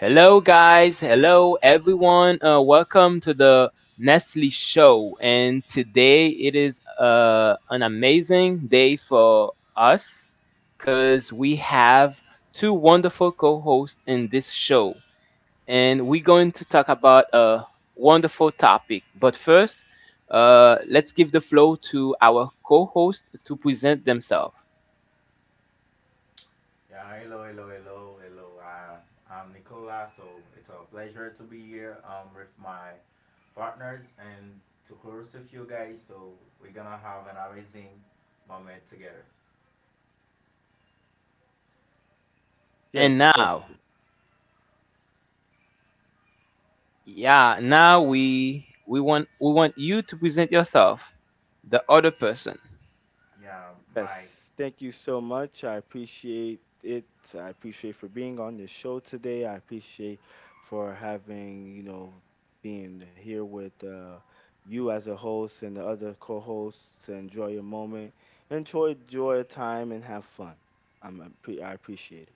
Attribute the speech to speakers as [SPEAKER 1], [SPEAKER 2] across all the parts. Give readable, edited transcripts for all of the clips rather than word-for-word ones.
[SPEAKER 1] Hello, guys. Hello, everyone. Welcome to the Nestle Show. And today it is an amazing day for us because we have two wonderful co hosts in this show. And we're going to talk about a wonderful topic. But first, let's give the floor to our co host to present themselves.
[SPEAKER 2] Yeah, hello, hello, hello, hello. I'm Nicola, so it's a pleasure to be here with my partners and to host with you guys. So we're gonna have an amazing moment together.
[SPEAKER 1] And
[SPEAKER 3] Yes, yes,
[SPEAKER 1] now, yeah, now we want you to present yourself, the other person.
[SPEAKER 2] Yeah, Mike,
[SPEAKER 3] yes. Thank you so much. I appreciate it. I appreciate for being on the show today. I appreciate for being here with you as a host and the other co-hosts. To enjoy your moment. Enjoy your time and have fun. I appreciate it.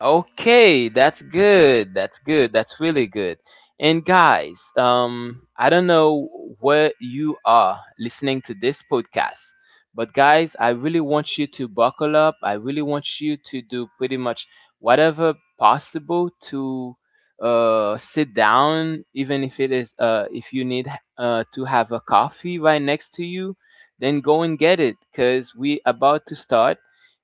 [SPEAKER 1] Okay, that's good. That's good. That's really good. And guys, I don't know where you are listening to this podcast, but guys, I really want you to buckle up. I really want you to do pretty much whatever possible to sit down, even if it is if you need to have a coffee right next to you, then go and get it, cause we about to start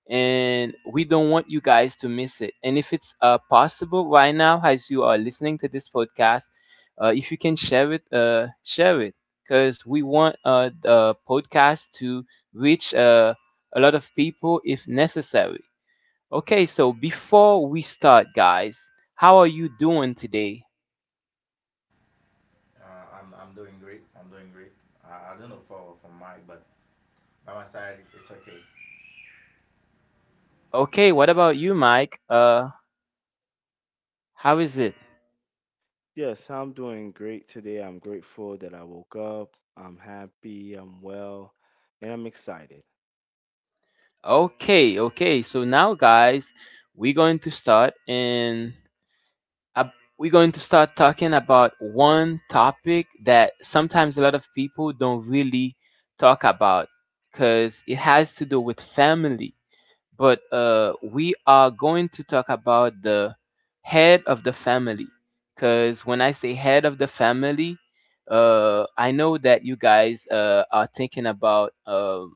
[SPEAKER 1] and we don't want you guys to miss it. And if it's possible right now, as you are listening to this podcast, if you can share it, because we want the podcast to reach a lot of people if necessary. Okay, so before we start, guys, how are you doing today?
[SPEAKER 2] I'm doing great. I'm doing great. I don't know for Mike, but by my side, it's okay.
[SPEAKER 1] Okay, what about you, Mike? How is it?
[SPEAKER 3] Yes, I'm doing great today. I'm grateful that I woke up. I'm happy. I'm well, and I'm excited.
[SPEAKER 1] Okay, okay. So now, guys, we're going to start, and ab- we're going to start talking about one topic that sometimes a lot of people don't really talk about because it has to do with family. But we are going to talk about the head of the family because when I say head of the family, I know that you guys are thinking about um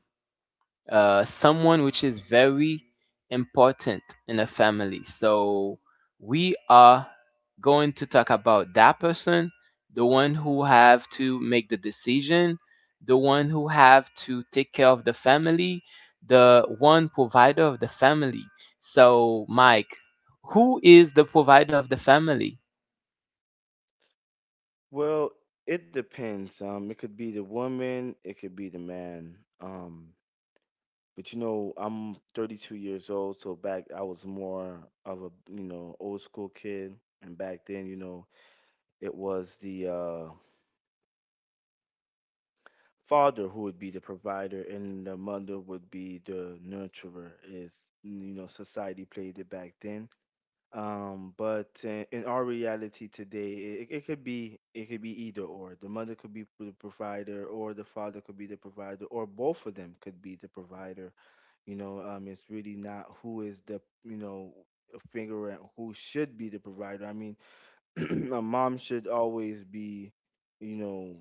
[SPEAKER 1] uh, someone which is very important in a family. So we are going to talk about that person, the one who have to make the decision, the one who have to take care of the family, the one provider of the family. So Mike, who is the provider of the family?
[SPEAKER 3] Well, it depends. It could be the woman, it could be the man. But you know, I'm 32 years old, so back I was more of a, you know, old school kid, and back then, you know, it was the father who would be the provider and the mother would be the nurturer. Is you know, society played it back then. But in our reality today, it could be either or. The mother could be the provider, or the father could be the provider, or both of them could be the provider. You know, it's really not who is the you know a finger at who should be the provider. I mean, a mom should always be, you know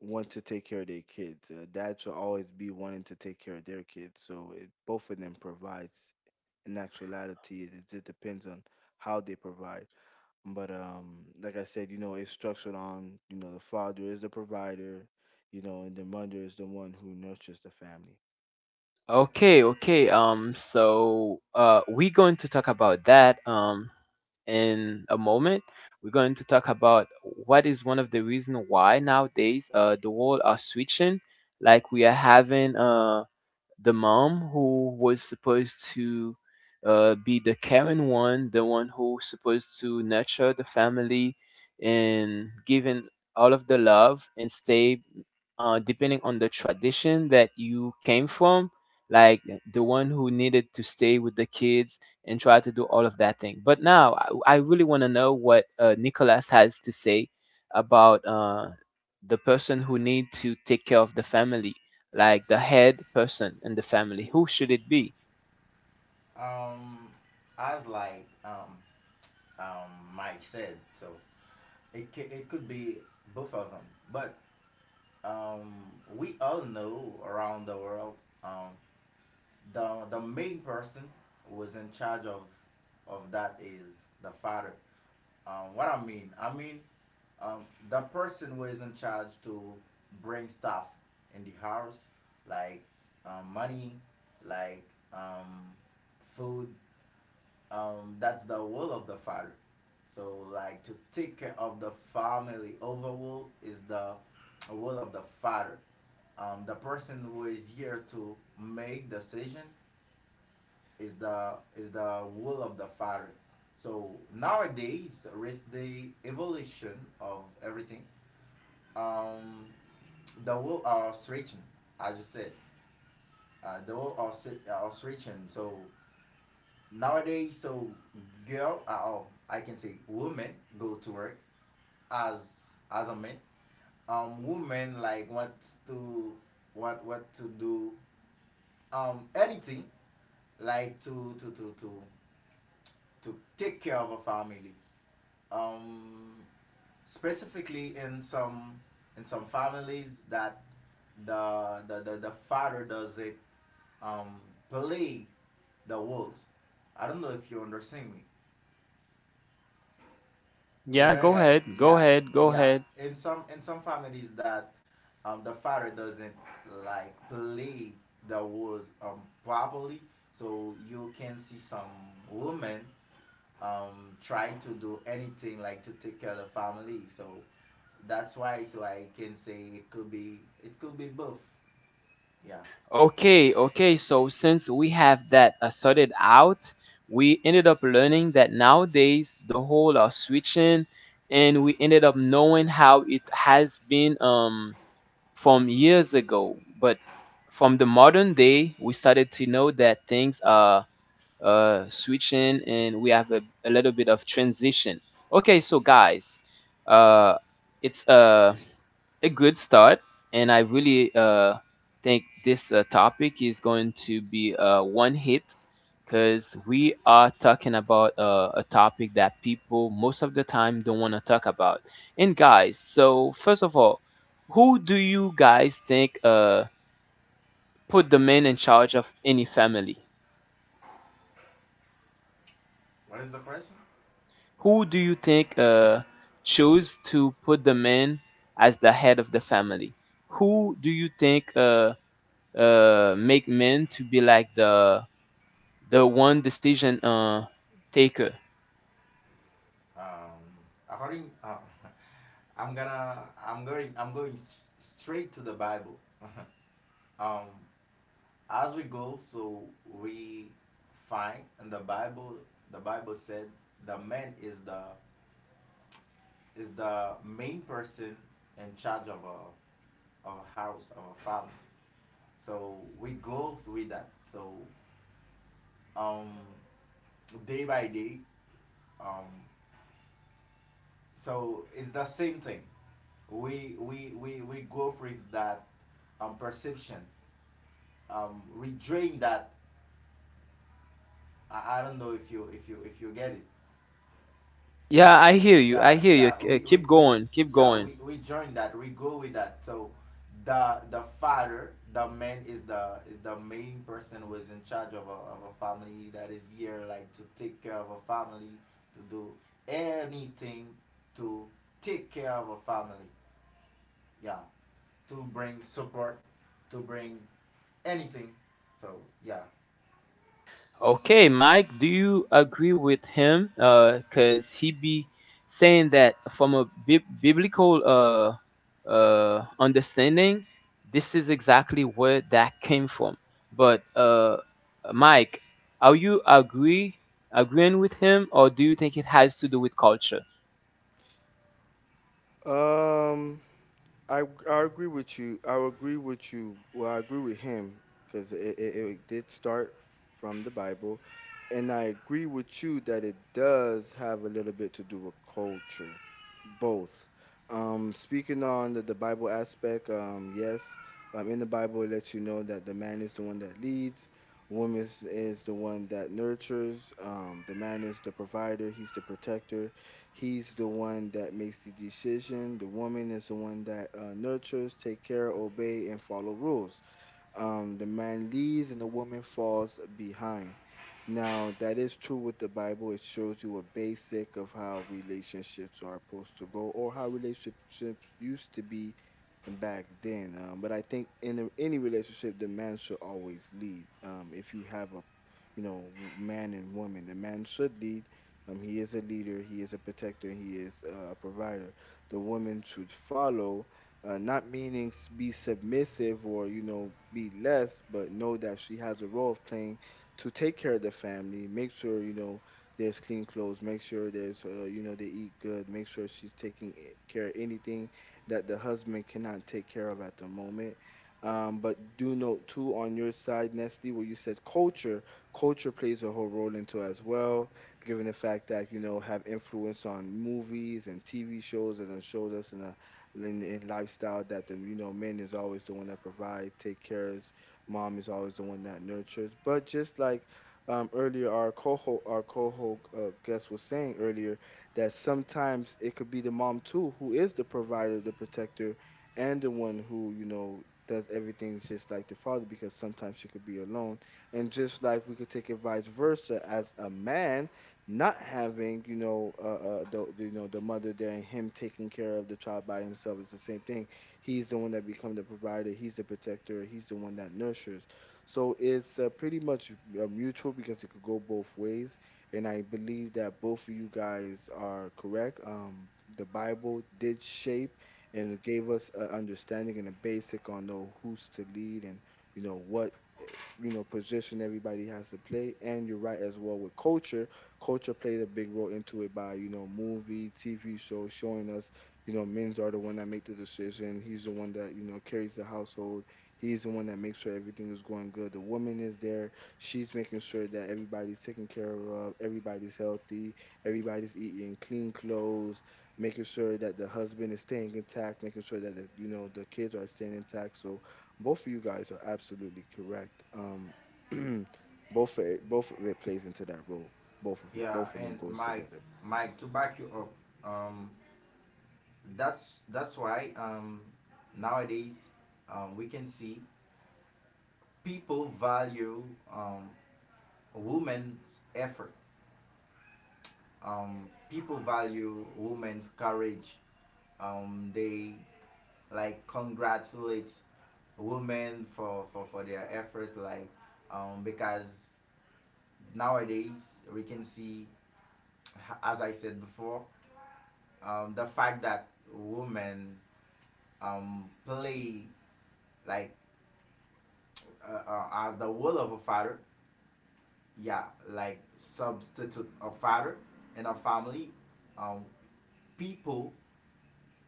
[SPEAKER 3] want to take care of their kids. Dads will always be wanting to take care of their kids. So it, both of them provides. In actuality, it just depends on how they provide. But like I said, you know, it's structured on you know the father is the provider, you know, and the mother is the one who nurtures the family.
[SPEAKER 1] Okay, okay. So we're going to talk about that in a moment. We're going to talk about what is one of the reason why nowadays the world are switching, like we are having the mom who was supposed to be the caring one, the one who's supposed to nurture the family and giving all of the love and stay depending on the tradition that you came from, like the one who needed to stay with the kids and try to do all of that thing. But now I really want to know what Nicholas has to say about the person who need to take care of the family, like the head person in the family. Who should it be?
[SPEAKER 2] Um, as like Mike said, so it could be both of them, but um, we all know around the world, um, the main person who is in charge of that is the father. What I mean, I mean um, the person who is in charge to bring stuff in the house, like money, like um, food. That's the will of the father. So, like, to take care of the family overall is the will of the father. The person who is here to make decision is the will of the father. So nowadays, with the evolution of everything, um, the will are stretching, as you said. The will are stretching. So nowadays, so girl, oh, I can say women go to work as as a man. Women like wants to what to do anything, like to take care of a family. Um, Specifically in some families that the father does it um play the roles. I don't know if you understand me. You
[SPEAKER 1] Yeah,
[SPEAKER 2] there,
[SPEAKER 1] go
[SPEAKER 2] guys?
[SPEAKER 1] ahead. Go
[SPEAKER 2] Yeah,
[SPEAKER 1] ahead. Go
[SPEAKER 2] yeah.
[SPEAKER 1] ahead.
[SPEAKER 2] In some families that the father doesn't like play the roles properly, so you can see some women trying to do anything, like to take care of the family. So that's why, so I can say, it could be, both. Yeah.
[SPEAKER 1] Okay, okay. So since we have that sorted out, we ended up learning that nowadays the whole are switching, and we ended up knowing how it has been from years ago. But from the modern day, we started to know that things are switching, and we have a little bit of transition. Okay, so guys, uh, it's a good start, and I really think this topic is going to be one hit because we are talking about a topic that people most of the time don't want to talk about. And guys, so first of all, who do you guys think put the man in charge of any family?
[SPEAKER 2] What is the question?
[SPEAKER 1] Who do you think chose to put the man as the head of the family? Who do you think make men to be like the one decision taker?
[SPEAKER 2] Um, According, I'm gonna I'm going s- straight to the Bible. um, as we go, so we find in the Bible. The Bible said the man is the main person in charge of a, of a house of a family. So we go through that. So, um, day by day. Um, so it's the same thing. We go through that, perception. We drain that. I don't know if you, get it.
[SPEAKER 1] Yeah, I hear you. I
[SPEAKER 2] Yeah,
[SPEAKER 1] hear you.
[SPEAKER 2] yeah, we, we,
[SPEAKER 1] Keep
[SPEAKER 2] we
[SPEAKER 1] going. Keep
[SPEAKER 2] yeah, we,
[SPEAKER 1] going.
[SPEAKER 2] we join that. We go with that. So the father, the man is the main person who is in charge of a family that is here, like to take care of a family, to do anything to take care of a family, yeah, to bring support, to bring anything. So, yeah.
[SPEAKER 1] Okay, Mike, do you agree with him? Because he be saying that from a biblical understanding, this is exactly where that came from. But Mike, are you agreeing with him, or do you think it has to do with culture?
[SPEAKER 3] Um. I I agree with you. I would agree with you. Well, I agree with him because it did start from the Bible, and I agree with you that it does have a little bit to do with culture, both. Speaking on the Bible aspect, yes, in the Bible it lets you know that the man is the one that leads, woman is the one that nurtures, the man is the provider, he's the protector. He's the one that makes the decision. The woman is the one that nurtures, take care, obey, and follow rules, the man leads and the woman falls behind. Now, that is true with the Bible. It shows you a basic of how relationships are supposed to go or how relationships used to be back then. But I think in a, any relationship, the man should always lead. If you have a, you know, man and woman, the man should lead. He is a leader, he is a protector, he is a provider. The woman should follow, not meaning be submissive or you know be less, but know that she has a role of playing to take care of the family, make sure you know there's clean clothes, make sure there's you know they eat good, make sure she's taking care of anything that the husband cannot take care of at the moment. But do note too on your side Nestle, where you said culture, culture plays a whole role into as well, given the fact that you know have influence on movies and TV shows that have showed us in a in lifestyle that the you know man is always the one that provides, take cares, mom is always the one that nurtures. But just like earlier, our coho guest was saying earlier that sometimes it could be the mom too who is the provider, the protector, and the one who you know does everything just like the father because sometimes she could be alone. And just like we could take it vice versa as a man, not having you know the you know the mother there and him taking care of the child by himself is the same thing. He's the one that become the provider, he's the protector, he's the one that nurtures. So it's pretty much mutual, because it could go both ways, and I believe that both of you guys are correct. The Bible did shape and it gave us an understanding and a basic on know who's to lead and you know what you know position everybody has to play. And you're right as well with culture. Culture played a big role into it by you know movie TV show showing us you know men's are the one that make the decision, he's the one that you know carries the household, he's the one that makes sure everything is going good. The woman is there, she's making sure that everybody's taken care of, everybody's healthy, everybody's eating clean clothes, making sure that the husband is staying intact, making sure that the, you know the kids are staying intact. So both of you guys are absolutely correct. Both of it plays into that role.
[SPEAKER 2] Yeah,
[SPEAKER 3] Both of them
[SPEAKER 2] and
[SPEAKER 3] goes
[SPEAKER 2] Mike,
[SPEAKER 3] together.
[SPEAKER 2] to back you up, that's why, nowadays, we can see people value, um, a woman's effort. People value women's courage. They like congratulate women, for their efforts. Like, because nowadays we can see, as I said before, the fact that women play, like uh, uh, as the role of a father, yeah, like substitute a father in a family, um, people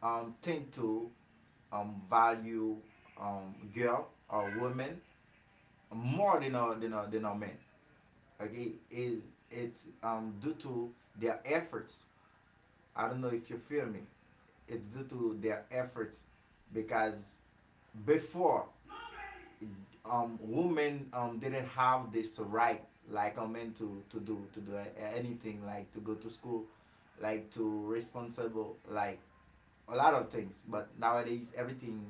[SPEAKER 2] tend to value girl or woman more than a, than a man. Okay, it, it's due to their efforts. I don't know if you feel me. It's due to their efforts, because before, women didn't have this right like a man, to do anything like to go to school, like to responsible, like a lot of things. But nowadays,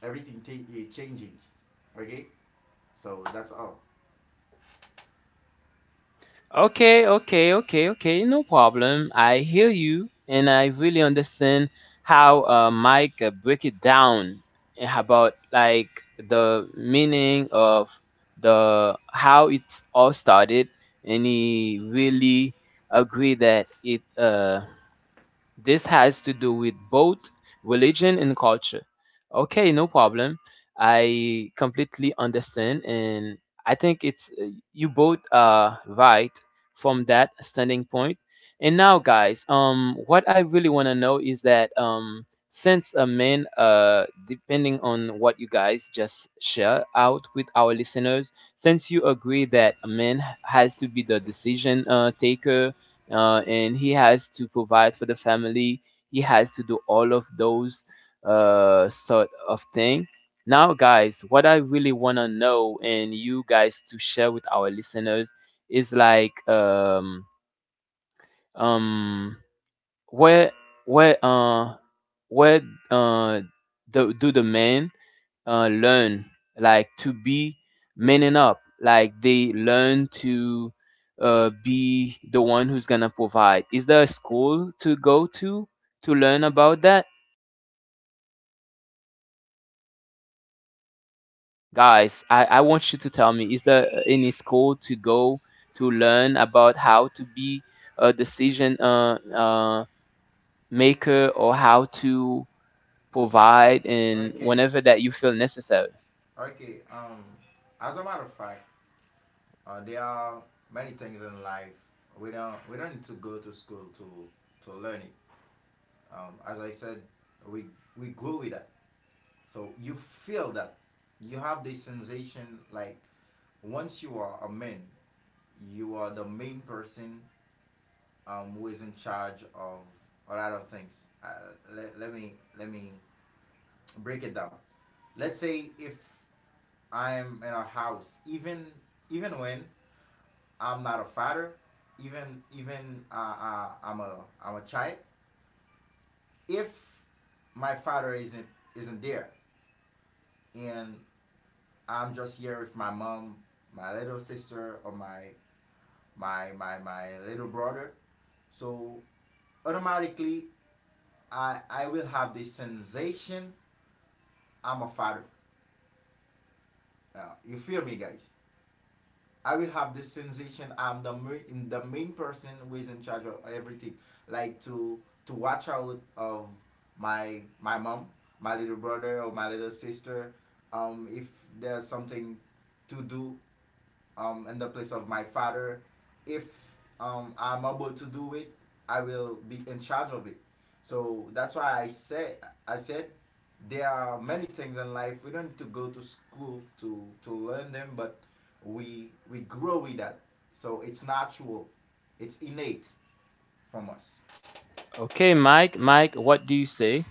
[SPEAKER 2] everything changing. Okay, so that's all.
[SPEAKER 1] Okay, okay, okay, okay. No problem. I hear you, and I really understand how Mike break it down, about like the meaning of the how it's all started, and he really agree that it this has to do with both religion and culture. Okay, no problem. I completely understand, and I think it's you both are right from that standing point. And now, guys, what I really want to know is that since a man, depending on what you guys just share out with our listeners, since you agree that a man has to be the decision taker, and he has to provide for the family. He has to do all of those sort of thing. Now, guys, what I really want to know and you guys to share with our listeners is like um where where uh where uh do, do the men learn like to be manning up, like they learn to be the one who's gonna provide. Is there a school to go to learn about that? Guys, I want you to tell me, is there any school to go to learn about how to be a decision maker or how to provide and
[SPEAKER 2] Okay,
[SPEAKER 1] whenever that you feel necessary?
[SPEAKER 2] okay. As a matter of fact, there are many things in life we don't need to go to school to learn it. As I said, we we grow with that. So you feel that you have this sensation, like once you are a man, you are the main person, who is in charge of a lot of things. Let, me let me break it down. Let's say if I'm in a house, even when I'm not a father, even even I'm a, I'm a child. If my father isn't there, and I'm just here with my mom, my little sister, or my, little brother. So automatically, I will have this sensation I'm a father. You feel me, guys? I will have this sensation I'm the main person who is in charge of everything. Like to, watch out of my mom, my little brother, or my little sister. If there's something to do, in the place of my father. If, I'm able to do it, I will be in charge of it. So that's why I said, I said there are many things in life we don't need to go to school to learn them, but we grow with that. So it's natural, it's innate from us.
[SPEAKER 1] Okay, Mike, Mike, what do you say?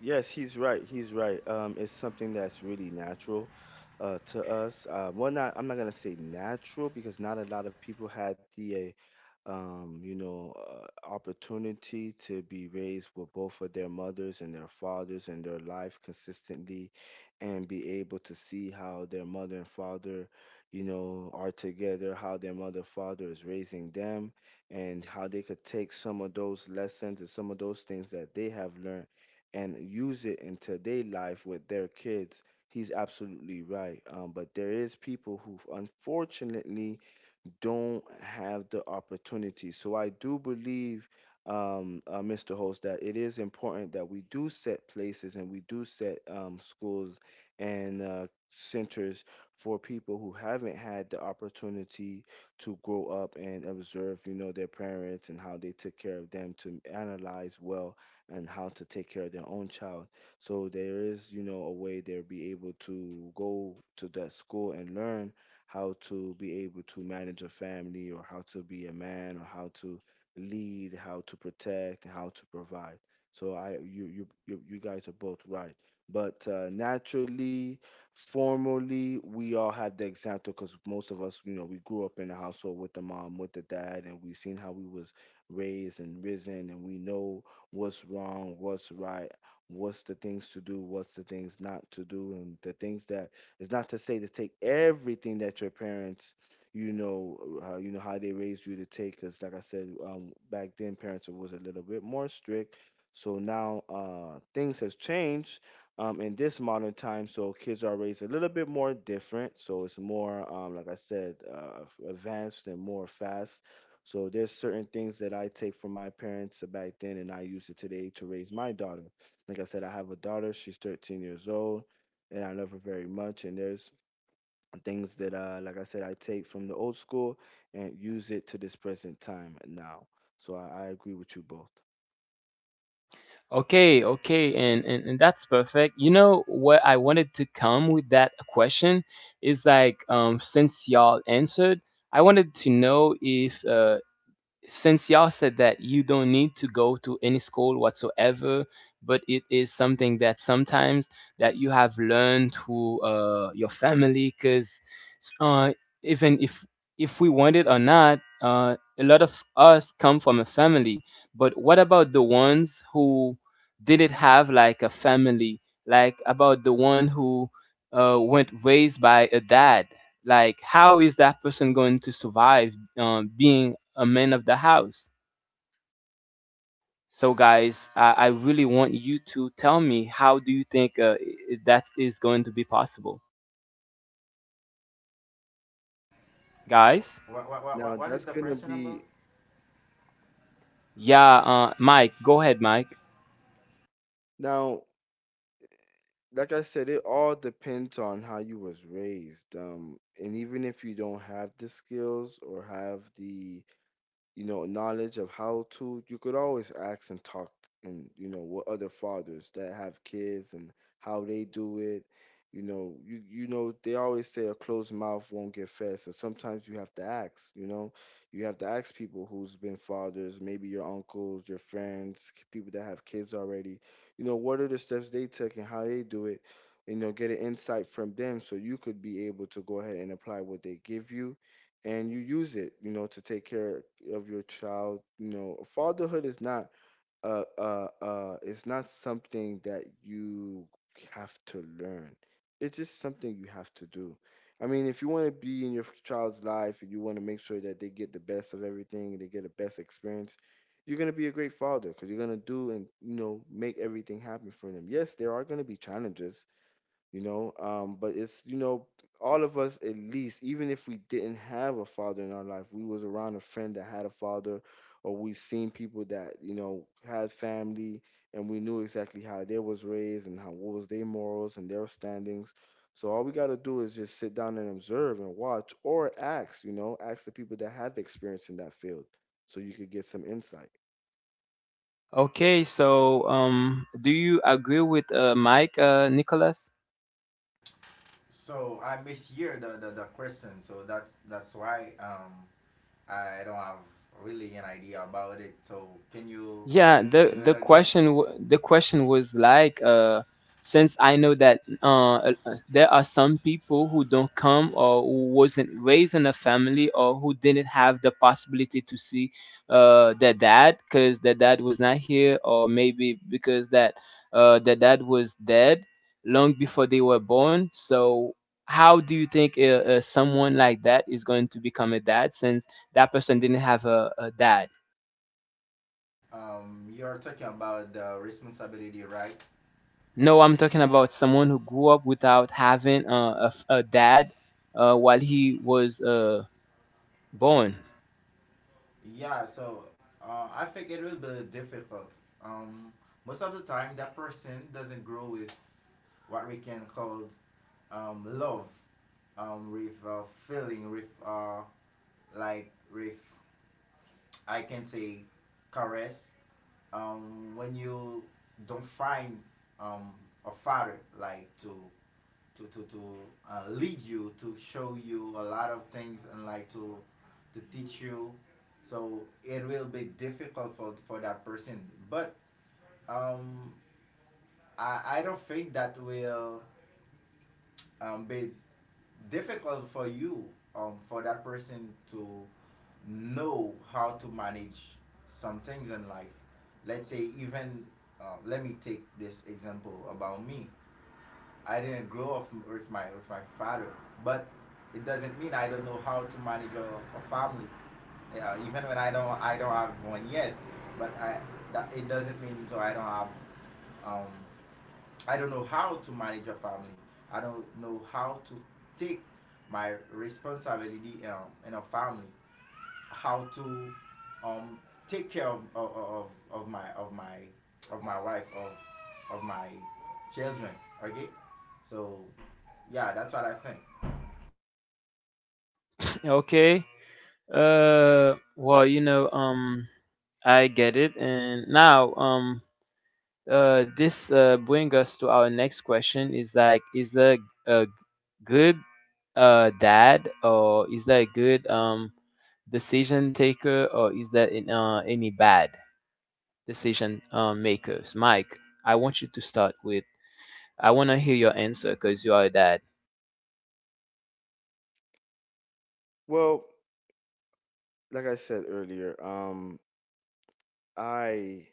[SPEAKER 3] Yes, he's right. He's right. It's something that's really natural, to us. Well, not I'm not gonna say natural because not a lot of people had the you know, opportunity to be raised with both of their mothers and their fathers in their life consistently, and be able to see how their mother and father, you know, are together, how their mother and father is raising them, and how they could take some of those lessons and some of those things that they have learned and use it into their life with their kids. He's absolutely right. But there is people who, unfortunately, don't have the opportunity. So I do believe, Mr. Host, that it is important that we do set places and we do set schools and centers for people who haven't had the opportunity to grow up and observe, you know, their parents and how they took care of them, to analyze well and how to take care of their own child. So there is, you know, a way they'll be able to go to that school and learn how to be able to manage a family, or how to be a man, or how to lead, how to protect, and how to provide. So I you you you, you guys are both right. But naturally, formally, we all have the example because most of us, you know, we grew up in a household with the mom, with the dad, and we've seen how we was raised and risen, and we know what's wrong, what's right, what's the things to do, what's the things not to do, and the things that it's not to say to take everything that your parents, you know, you know how they raised you to take. Because like I said, back then parents was a little bit more strict. So now things has changed in this modern time. So kids are raised a little bit more different. So it's more, like I said, advanced and more fast. So there's certain things that I take from my parents back then, and I use it today to raise my daughter. Like I said, I have a daughter. She's 13 years old and I love her very much. And there's things that, like I said, I take from the old school and use it to this present time now. So I agree with you both.
[SPEAKER 1] Okay, okay, and that's perfect. You know what I wanted to come with that question is like, since y'all answered, I wanted to know if since y'all said that you don't need to go to any school whatsoever, but it is something that sometimes that you have learned through your family. Because uh, even if we want it or not, a lot of us come from a family, but what about the ones who didn't have like a family, like about the one who went raised by a dad? Like how is that person going to survive, being a man of the house? So, guys, I really want you to tell me, how do you think that is going to be possible, guys?
[SPEAKER 2] What what what,
[SPEAKER 3] Now
[SPEAKER 2] what is
[SPEAKER 3] that's
[SPEAKER 2] the
[SPEAKER 3] gonna
[SPEAKER 2] question about?
[SPEAKER 3] be
[SPEAKER 1] Yeah, Mike, go ahead, Mike.
[SPEAKER 3] Now, like I said, it all depends on how you was raised. And even if you don't have the skills or have the you know, knowledge of how to, you could always ask and talk and, you know, what other fathers that have kids and how they do it. You know, you know, they always say a closed mouth won't get fed. So sometimes you have to ask, you know, you have to ask people who's been fathers, maybe your uncles, your friends, people that have kids already, you know, what are the steps they took and how they do it, you know, get an insight from them so you could be able to go ahead and apply what they give you and you use it, you know, to take care of your child. You know, fatherhood is not it's not something that you have to learn. It's just something you have to do. I mean, if you want to be in your child's life and you want to make sure that they get the best of everything, they get the best experience, you're gonna be a great father because you're gonna do and you know make everything happen for them. Yes, there are gonna be challenges you know but it's you know all of us, at least even if we didn't have a father in our life, we was around a friend that had a father, or we seen people that had family, and we knew exactly how they was raised and how what was their morals and their standings. So all we got to do is just sit down and observe and watch, or ask, ask the people that have experience in that field, so you could get some insight.
[SPEAKER 1] Okay, so do you agree with Mike, Nicholas?
[SPEAKER 2] So I mishear the, the question. So that's why I don't have really an idea about it. So can you
[SPEAKER 1] Yeah, the
[SPEAKER 2] do it again?
[SPEAKER 1] the question was like, since I know that there are some people who don't come or who wasn't raised in a family or who didn't have the possibility to see their dad because their dad was not here, or maybe because that their dad was dead long before they were born. So how do you think someone like that is going to become a dad since that person didn't have a dad?
[SPEAKER 2] You're talking about the responsibility, right?
[SPEAKER 1] No, I'm talking about someone who grew up without having a dad while he was born.
[SPEAKER 2] Yeah. So, I think it will be difficult. Um, Most of the time, that person doesn't grow with what we can call, love, with feeling, with like with, I can say, caress. When you don't find, um, a father, like to to to to lead you, to show you a lot of things, and like to teach you. So it will be difficult for that person. But, um I don't think that will, be difficult for you, for that person to know how to manage some things in life. Let's say, even, let me take this example about me. I didn't grow up with my, with my father, but it doesn't mean I don't know how to manage a, family. Yeah, even when I don't have one yet, but I, that, it doesn't mean, so I don't have, um I don't know how to manage a family. I don't know how to take my responsibility, in a family, how to, um, take care of my, wife, of my children. Okay, so yeah, that's what I think.
[SPEAKER 1] Okay. Well, you know, I get it. And now, this brings us to our next question: is like, is the a good dad, or is that a good decision taker, or is that in, any bad decision makers? Mike, I want you to start with, I want to hear your answer because you are a dad.
[SPEAKER 3] Well, like I said earlier, i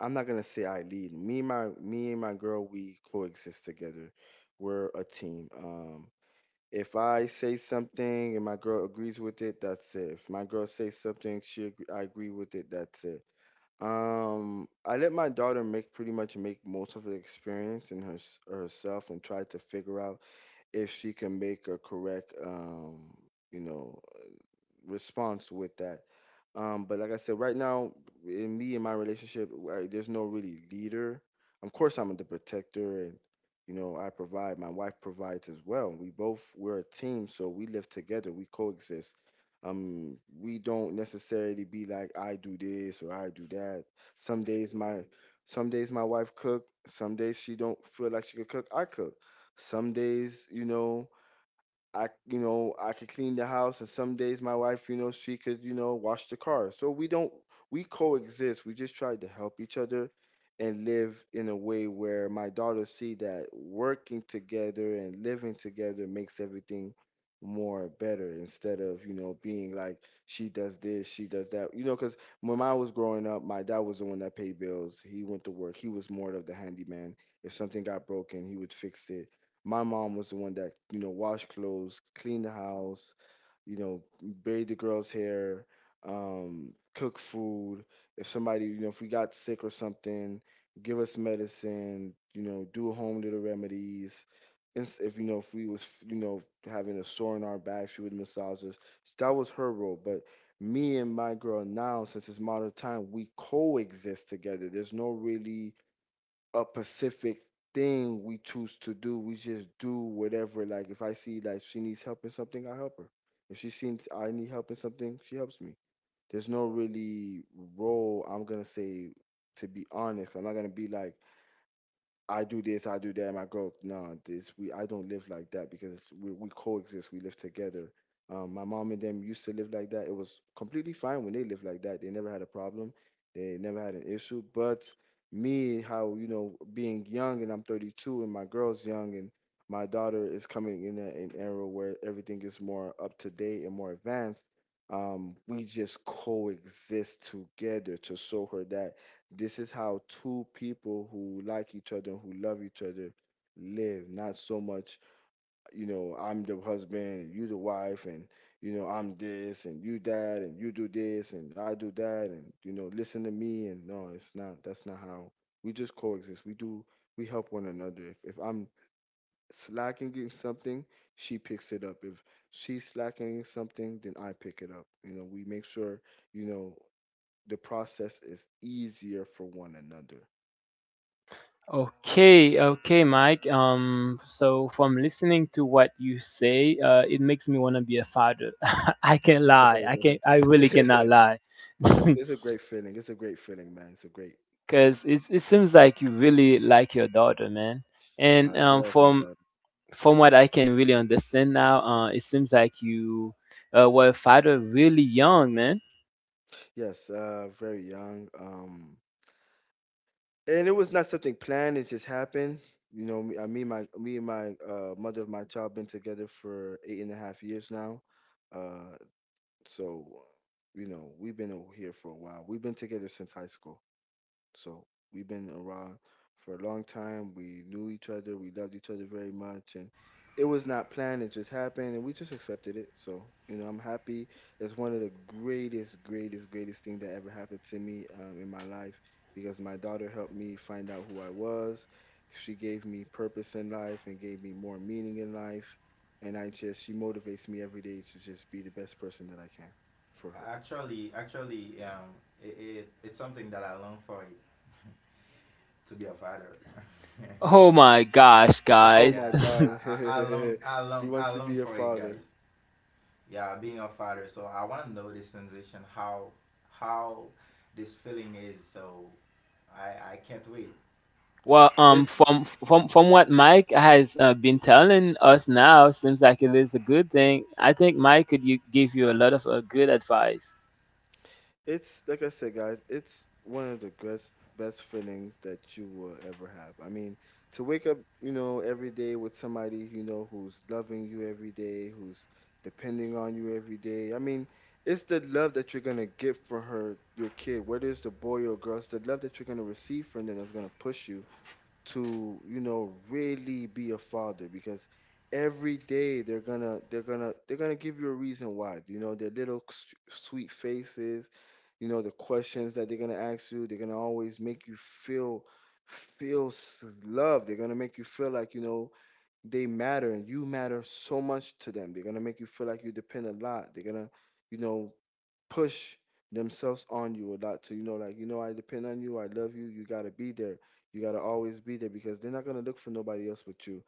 [SPEAKER 3] I'm not gonna say I lead. Me and my girl, we coexist together. We're a team. If I say something and my girl agrees with it, that's it. If my girl says something, she agree, I agree with it, that's it. I let my daughter make pretty much make most of the experience in herself and try to figure out if she can make a correct you know, response with that. But like I said, right now, in me and my relationship, there's no really leader. Of course, I'm the protector, and you know, I provide. My wife provides as well. We're a team, so we live together. We coexist. We don't necessarily be like I do this or I do that. Some days my some days my wife cook. Some days she don't feel like she could cook. I cook. Some days, you know, you know, I could clean the house, and some days my wife, you know, she could, you know, wash the car. So we don't, we coexist. We just try to help each other and live in a way where my daughters see that working together and living together makes everything more better, instead of, you know, being like she does this, she does that. You know, because when I was growing up, my dad was the one that paid bills. He went to work. He was more of the handyman. If something got broken, he would fix it. My mom was the one that, you know, washed clothes, cleaned the house, you know, braid the girls' hair, cook food. If somebody, you know, if we got sick or something, give us medicine, you know, do home little remedies. If, you know, if we was, you know, having a sore in our back, she would massage us. That was her role. But me and my girl now, since it's modern time, we coexist together. There's no really a specific thing we choose to do. We just do whatever. Like if I see like she needs help in something, I help her. If she sees I need help in something, she helps me. There's no really role, I'm gonna say, to be honest. I'm not gonna be like, I do this, I do that. My girl, nah, this we I don't live like that because we coexist, we live together. My mom and them used to live like that. It was completely fine when they lived like that. They never had a problem, they never had an issue. But me, how you know, being young, and I'm 32 and my girl's young, and my daughter is coming in an era where everything is more up to date and more advanced. We just coexist together to show her that this is how two people who like each other, who love each other, live. Not so much, you know, I'm the husband, you the wife, and you know, I'm this and you that, and you do this and I do that, and you know, listen to me. And no, it's not. That's not how we just coexist. We do. We help one another. If I'm slacking in something, she picks it up. If she's slacking in something, then I pick it up. You know, we make sure, you know the process is easier for one another.
[SPEAKER 1] Okay, okay, Mike. So from listening to what you say, it makes me want to be a father. I can't lie. I really cannot lie,
[SPEAKER 3] It's
[SPEAKER 1] because
[SPEAKER 3] it's a great feeling. It's a great feeling, man. It's a great.
[SPEAKER 1] it seems like you really like your daughter, man. And
[SPEAKER 3] I love my daughter.
[SPEAKER 1] from what I can really understand now, it seems like you were a father really young, man.
[SPEAKER 3] Yes, very young. And it was not something planned. It just happened. You know, me, I mean, my me and my mother of my child been together for eight and a half years now. Uh, so, you know, we've been over here for a while. We've been together since high school. So we've been around for a long time. We knew each other. We loved each other very much, and it was not planned. It just happened, and we just accepted it. So you know, I'm happy. It's one of the greatest, greatest, greatest thing that ever happened to me in my life, because my daughter helped me find out who I was. She gave me purpose in life and gave me more meaning in life. And I just, she motivates me every day to just be the best person that I can for her.
[SPEAKER 2] Actually, it, it, it's something that I long for it, to be a father.
[SPEAKER 1] Oh my gosh,
[SPEAKER 3] Oh
[SPEAKER 1] guys.
[SPEAKER 2] Yeah,
[SPEAKER 3] my God.
[SPEAKER 2] I long I
[SPEAKER 3] He
[SPEAKER 2] long I
[SPEAKER 3] wants to be
[SPEAKER 2] long
[SPEAKER 3] your
[SPEAKER 2] for it, guys.
[SPEAKER 3] father.
[SPEAKER 2] Yeah, being a father. So I want to know this sensation, how this feeling is. So I can't wait.
[SPEAKER 1] Well,
[SPEAKER 3] It
[SPEAKER 1] from what Mike has been telling us now, seems like it is a good thing. I think Mike could you, give you a lot of good advice.
[SPEAKER 3] it's like I said, guys, it's one of the best best feelings that you will ever have. I mean, to wake up, you know, every day with somebody, you know, who's loving you every day, who's depending on you every day. I mean, it's the love that you're gonna get from her, your kid, whether it's the boy or girl. It's the love that you're gonna receive from them that's gonna push you to you know really be a father, because every day they're gonna give you a reason why. You know, their little sweet faces, you know, the questions that they're gonna ask you, they're gonna always make you feel loved. They're gonna make you feel like, you know, they matter and you matter so much to them. They're gonna make you feel like you depend a lot. They're gonna, you know, push themselves on you a lot to, you know, like, you know, I depend on you, I love you, you gotta be there. You gotta always be there, because they're not gonna look for nobody else but you.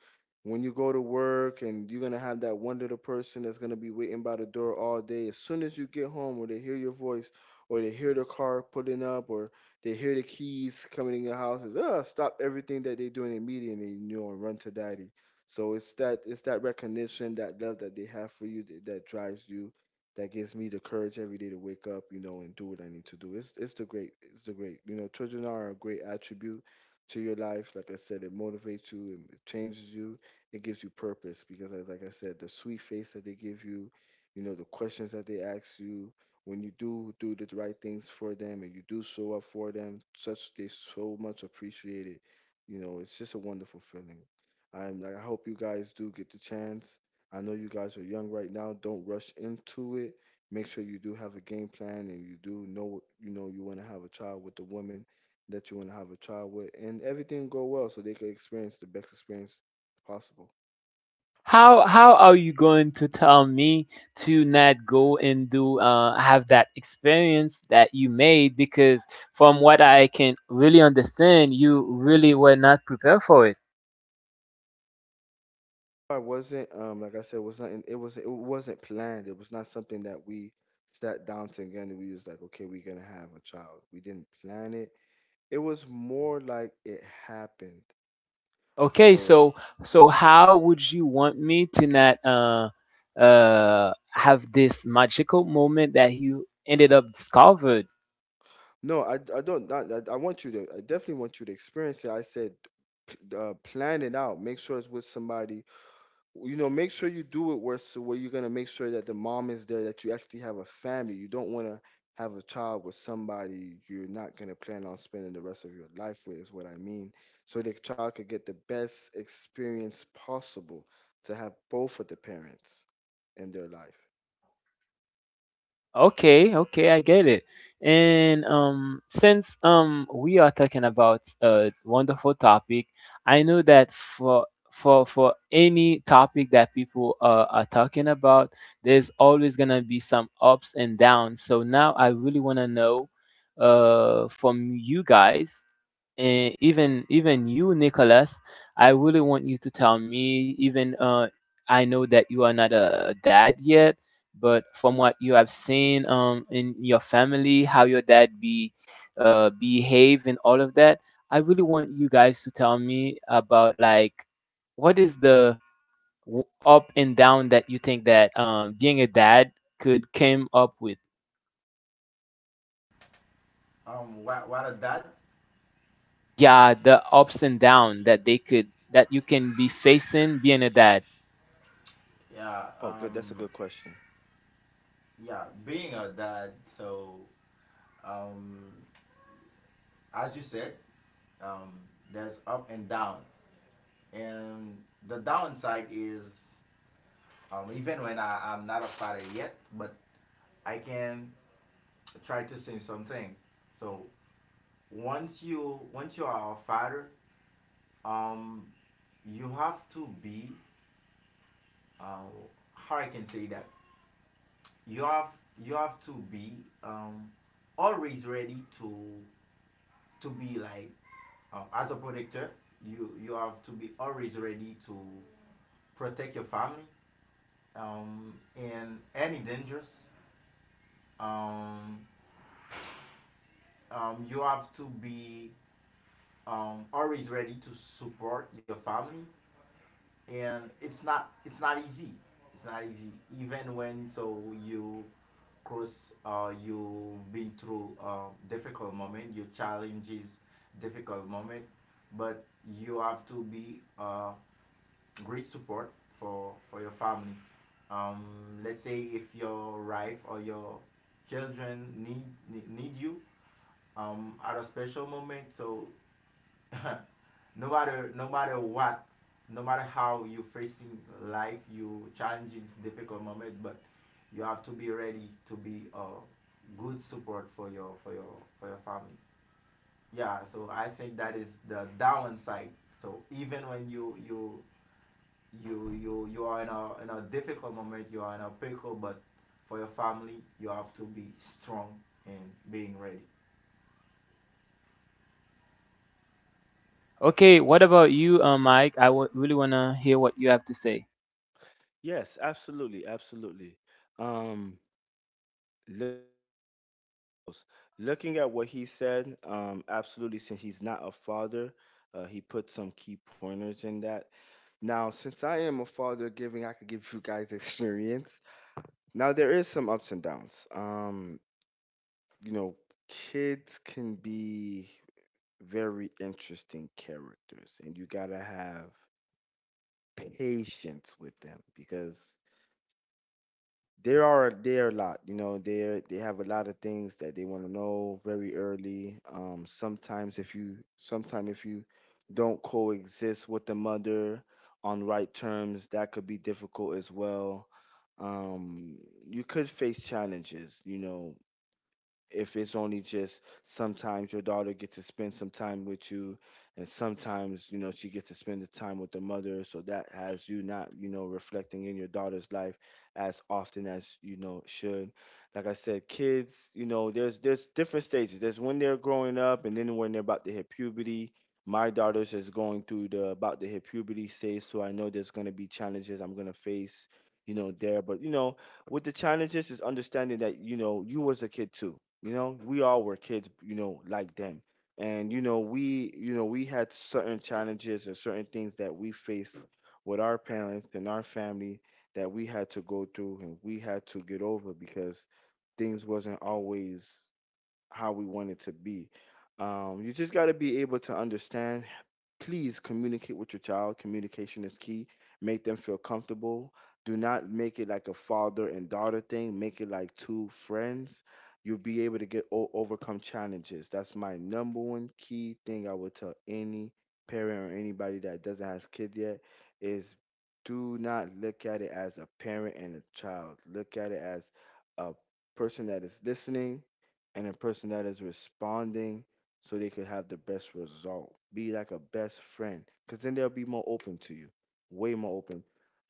[SPEAKER 3] When you go to work, and you're gonna have that one little person that's gonna be waiting by the door all day, as soon as you get home, or they hear your voice, or they hear the car pulling up, or they hear the keys coming in your house, is stop everything that they're doing immediately, you know, and run to daddy. So it's that, recognition, that love that they have for you, that drives you, that gives me the courage every day to wake up, you know, and do what I need to do. It's the great. You know, children are a great attribute to your life. Like I said, it motivates you, it changes you, it gives you purpose because, like I said, the sweet face that they give you, you know, the questions that they ask you, when you do the right things for them, and you do show up for them, such they so much appreciate it. You know, it's just a wonderful feeling. I hope you guys do get the chance. I know you guys are young right now. Don't rush into it. Make sure you do have a game plan and you do know, you know, you want to have a child with the woman that you want to have a child with, and everything go well so they can experience the best experience possible.
[SPEAKER 1] How are you going to tell me to not go and do have that experience that you made? Because from what I can really understand, you really were not prepared for it.
[SPEAKER 3] I wasn't, like I said, was not it was it wasn't planned. It was not something that we sat down together and we was like, okay, we're gonna have a child. We didn't plan it. It was more like it happened.
[SPEAKER 1] Okay,
[SPEAKER 3] So
[SPEAKER 1] so so how would you want me to not have this magical moment that you ended up discovered?
[SPEAKER 3] no, I don't. Not I I want you to. I definitely want you to experience it. I said, plan it out. Make sure it's with somebody. You know, make sure you do it where, where you're gonna make sure that the mom is there, that you actually have a family. You don't want to have a child with somebody you're not gonna plan on spending the rest of your life with. Is what I mean. So the child could get the best experience possible, to have both of the parents in their life.
[SPEAKER 1] Okay, okay, I get it. And since we are talking about a wonderful topic, I know that for any topic that people are talking about, there's always gonna be some ups and downs. So now I really wanna know, from you guys, and even even you, Nicholas, I really want you to tell me. Even I know that you are not a dad yet but from what you have seen in your family, how your dad be behave and all of that, I really want you guys to tell me about like what is the up and down that you think that being a dad could came up with.
[SPEAKER 2] What a dad.
[SPEAKER 1] Yeah, the ups and down that they could that you can be facing being a dad.
[SPEAKER 2] Yeah,
[SPEAKER 3] Oh, good. That's a good question.
[SPEAKER 2] yeah, being a dad, so, um, as you said, um, there's up and down, and the downside is, even when I'm not a father yet, but I can try to say something. So once you are a father, um, you have to be, uh, how I can say that, you have to be, um, always ready to be like, as a protector. You have to be always ready to protect your family, in any dangers, um, you have to be, always ready to support your family, and it's not easy, it's not easy. Even when, so, you cross, you've been through, difficult moment, your challenges, difficult moment, but you have to be, great support for your family. Um, let's say if your wife or your children need you, at a special moment, so no matter what, no matter how you facing life, you challenges, difficult moment, but you have to be ready to be a good support for your, for your family. Yeah, so I think that is the downside. So even when you you are in a, in a difficult moment. You are in a pickle, but for your family, you have to be strong and being ready.
[SPEAKER 1] Okay, what about you, Mike? I really wanna hear what you have to say.
[SPEAKER 3] Yes, absolutely, absolutely. Um, Looking at what he said, absolutely, since he's not a father, he put some key pointers in that. Now, since I am a father giving, I could give you guys experience. Now, there is some ups and downs. You know, kids can be very interesting characters, and you gotta have patience with them because they are a lot. They have a lot of things that they want to know very early. Sometime if you don't coexist with the mother on right terms, that could be difficult as well. um you could face challenges, if it's only just sometimes your daughter gets to spend some time with you, and sometimes, she gets to spend the time with the mother. So that has you not reflecting in your daughter's life as often as should. Like I said, kids, there's different stages. There's when they're growing up, and then when they're about to hit puberty. My daughter's is going through the about to hit puberty stage, so I know there's going to be challenges I'm going to face, you know there but with the challenges is understanding that you was a kid too. You know, we all were kids, you know, like them. And we, we had certain challenges and certain things that we faced with our parents and our family that we had to go through and we had to get over because things wasn't always how we wanted to be. You just got to be able to understand. Please communicate with your child. Communication is key. Make them feel comfortable. Do not make it like a father and daughter thing. Make it like two friends. You'll be able to overcome challenges. That's my number one key thing I would tell any parent or anybody that doesn't have kids yet. Is, do not look at it as a parent and a child. Look at it as a person that is listening and a person that is responding so they could have the best result. Be like a best friend, because then they'll be more open to you, way more open.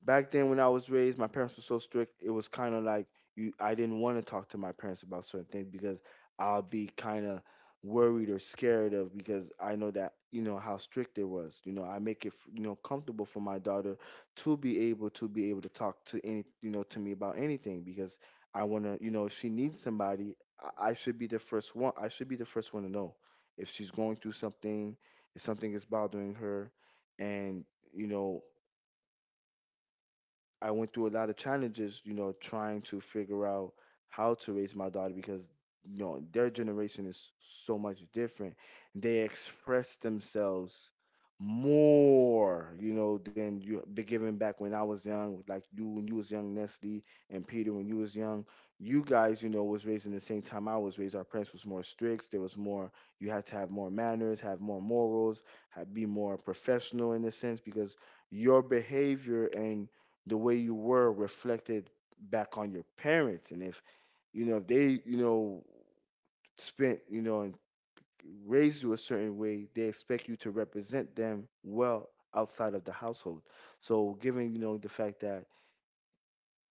[SPEAKER 3] Back then, when I was raised, my parents were so strict. It was kind of like you. I didn't want to talk to my parents about certain things because I'll be kind of worried or scared of, because I know that, you know, how strict it was. You know, I make it comfortable for my daughter to be able to talk to any you know to me about anything because I want to, if she needs somebody, I should be the first one. I should be the first one to know if she's going through something, if something is bothering her. And you know I went through a lot of challenges, you know, trying to figure out how to raise my daughter because, you know, their generation is so much different. They express themselves more, you know, than you be giving back when I was young, like you when you was young, Nestle, and Peter when you was young. You guys, you know, was raised in the same time I was raised. Our parents was more strict. There was more. You had to have more manners, have more morals, have, be more professional in a sense, because your behavior and the way you were reflected back on your parents. And if, if they, spent, and raised you a certain way, they expect you to represent them well outside of the household. So given, the fact that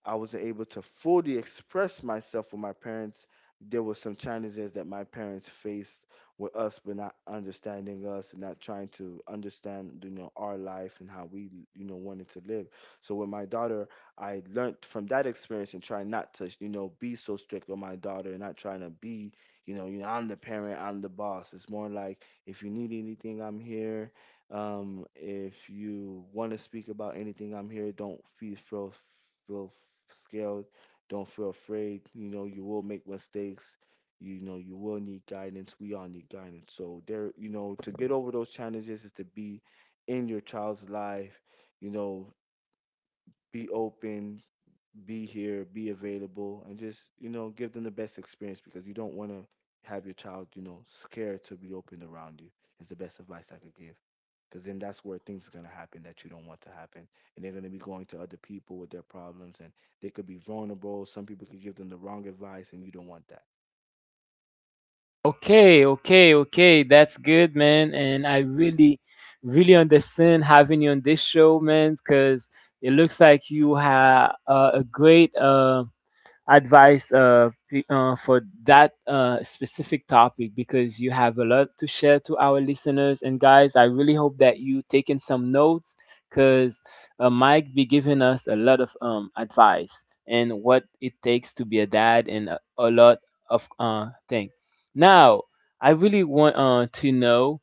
[SPEAKER 3] I wasn't able to fully express myself with my parents. There were some challenges that my parents faced with us, but not understanding us and not trying to understand, you know, our life and how we, you know, wanted to live. So with my daughter, I learned from that experience and try not to, you know, be so strict on my daughter and not trying to be, I'm the parent, I'm the boss. It's more like, if you need anything, I'm here. If you want to speak about anything, I'm here. Don't feel scared. Don't feel afraid. You know, you will make mistakes. You know, you will need guidance. We all need guidance. So there, you know, to get over those challenges is to be in your child's life. You know, be open, be here, be available, and just, you know, give them the best experience, because you don't want to have your child, you know, scared to be open around you. Is the best advice I could give, because then that's where things are going to happen that you don't want to happen, and they're going to be going to other people with their problems, and they could be vulnerable. Some people could give them the wrong advice, and you don't want that.
[SPEAKER 1] Okay, okay, okay. That's good, man. And I really, really understand having you on this show, man, because it looks like you have a great advice for that specific topic because you have a lot to share to our listeners. And guys, I really hope that you taking some notes because Mike be giving us a lot of advice and what it takes to be a dad and a lot of thing. Now, I really want to know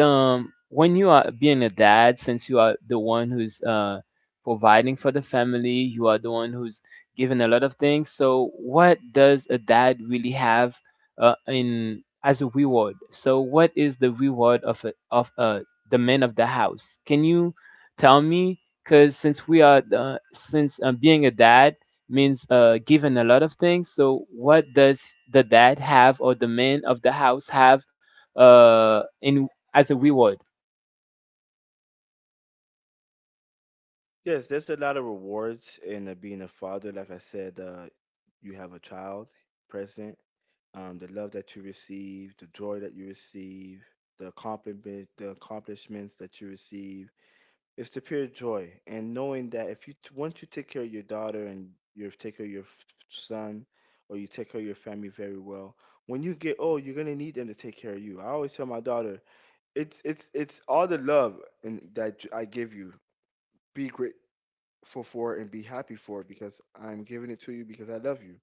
[SPEAKER 1] when you are being a dad, since you are the one who's providing for the family, you are the one who's given a lot of things. So, what does a dad really have in as a reward? So, what is the reward of of the man of the house? Can you tell me? Because since we are since being a dad means given a lot of things. So, what does the dad have or the man of the house have in as a reward?
[SPEAKER 3] Yes, there's a lot of rewards in being a father. Like I said, you have a child present. The love that you receive, the joy that you receive, the accomplishments that you receive. It's the pure joy, and knowing that if you once you take care of your daughter and you take care of your son or you take care of your family very well, when you get old, you're gonna need them to take care of you. I always tell my daughter, it's all the love and that I give you. Be grateful for it and be happy for it because I'm giving it to you because I love you.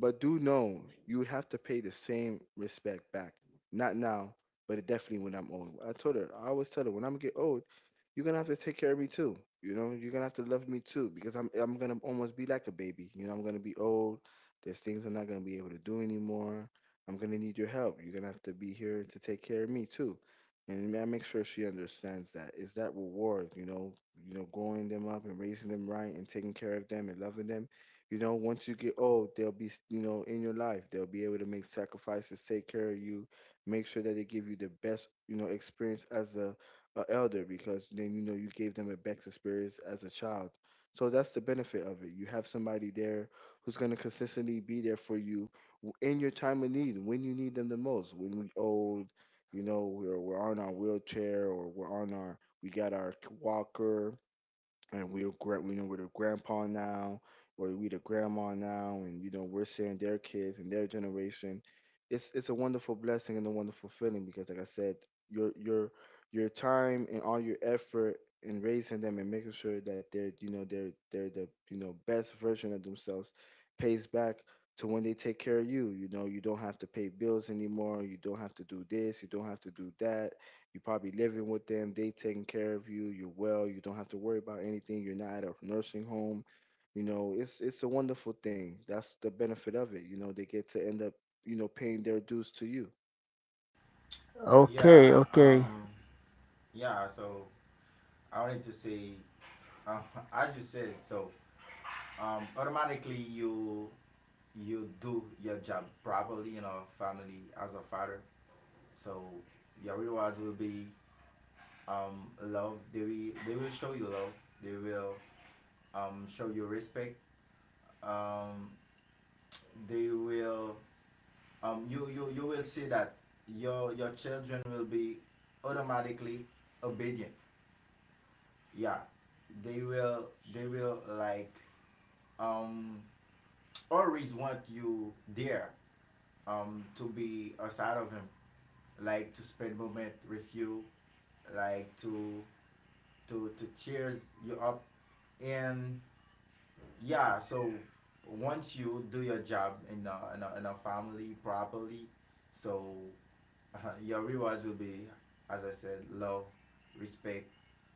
[SPEAKER 3] But do know, you would have to pay the same respect back. Not now, but it definitely when I'm old. I told her, I always tell her, when I'm get old, you're gonna have to take care of me too. You know, you're gonna have to love me too, because I'm gonna almost be like a baby. You know, I'm gonna be old. There's things I'm not gonna be able to do anymore. I'm gonna need your help. You're gonna have to be here to take care of me too. And I make sure she understands that. It's that reward, you know, growing them up and raising them right and taking care of them and loving them. You know, once you get old, they'll be, you know, in your life. They'll be able to make sacrifices, take care of you, make sure that they give you the best, you know, experience as a elder, because then, you know, you gave them a best experience as a child. So that's the benefit of it. You have somebody there who's going to consistently be there for you in your time of need, when you need them the most, when we old, you know, we're on our wheelchair, or we're on our, we got our walker, and we're we know we're the grandpa now, or we the grandma now, and, you know, we're seeing their kids and their generation. It's a wonderful blessing and a wonderful feeling because, like I said, your your time and all your effort in raising them and making sure that they're, you know, they're the, you know, best version of themselves pays back to when they take care of you. You know, you don't have to pay bills anymore. You don't have to do this. You don't have to do that. You are probably living with them, they taking care of you, you're well, you don't have to worry about anything, you're not at a nursing home. You know, it's a wonderful thing. That's the benefit of it. You know, they get to end up, you know, paying their dues to you.
[SPEAKER 1] Okay,
[SPEAKER 2] Yeah,
[SPEAKER 1] okay.
[SPEAKER 2] yeah. So I wanted to say, um, as you said, so, automatically, you do your job properly in a family as a father. So your rewards will be, love. They will, they will show you love. They will, show you respect. Um, they will, you will see that your children will be automatically obedient. Yeah, they will, like, um, always want you there, to be aside of him, like to spend moment with you, like to, cheers you up, and yeah. So once you do your job in a, in a family properly, so your rewards will be, as I said, love, respect,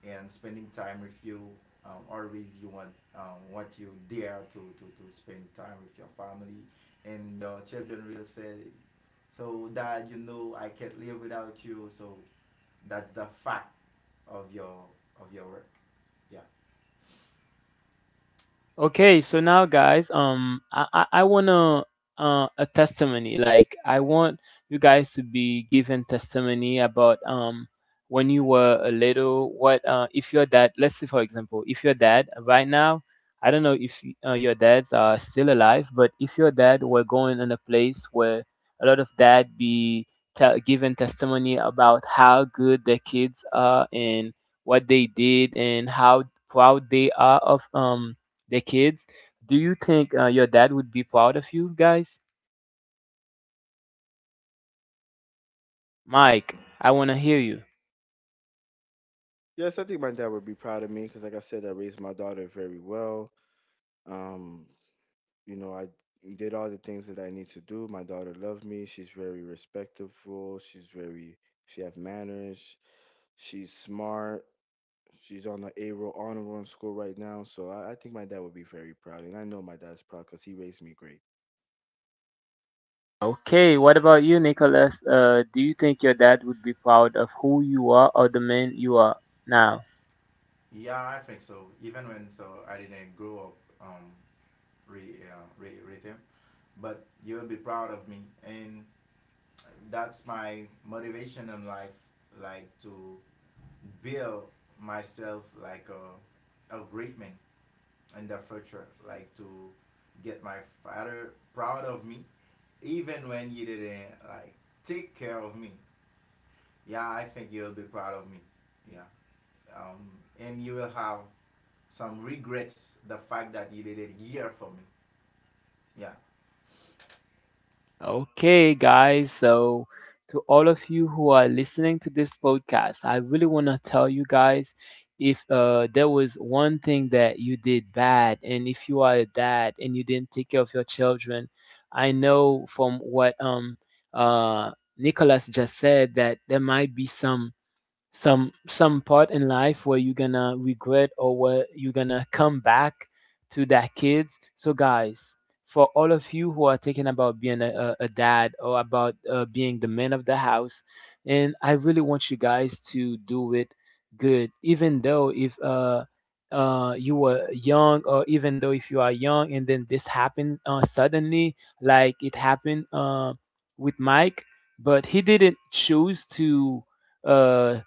[SPEAKER 2] and spending time with you. Always you want what you dare to spend time with your family, and your children will say, so dad, you know, I can't live without you. So that's the fact of your of your work. Yeah.
[SPEAKER 1] Okay, so now guys, I wanna a testimony. Like I want you guys to be given testimony about when you were a little, what if your dad let's say for example, if your dad right now, I don't know if your dads are still alive, but if your dad were going in a place where a lot of dad be given testimony about how good their kids are and what they did and how proud they are of the kids. Do you think your dad would be proud of you guys? Mike, I want to hear you.
[SPEAKER 3] Yes, I think my dad would be proud of me because, like I said, I raised my daughter very well. Um, you know, I did all the things that I need to do. My daughter loved me. She's very respectful. She's very, she have manners. She's smart. She's on the A roll honor roll in school right now, so I think my dad would be very proud, and I know my dad's proud because he raised me great.
[SPEAKER 1] Okay, what about you, Nicholas? Do you think your dad would be proud of who you are or the man you are now?
[SPEAKER 2] Yeah, I think so. Even when, so I didn't grow up um, rhythm, but you'll be proud of me, and that's my motivation in life, like to build myself like a great man in the future, like to get my father proud of me, even when he didn't like take care of me. Yeah, I think he'll be proud of me. Yeah, um, and you will have some regrets the fact that you did it here for me. Yeah,
[SPEAKER 1] Okay, guys. So, to all of you who are listening to this podcast, I really want to tell you guys if there was one thing that you did bad, and if you are a dad and you didn't take care of your children, I know from what uh, Nicholas just said that there might be some some part in life where you're gonna regret or where you're gonna come back to that kids. So guys, for all of you who are thinking about being a dad or about being the man of the house, and I really want you guys to do it good even though if you were young, or even though if you are young, and then this happened suddenly, like it happened with Mike, but he didn't choose to uh,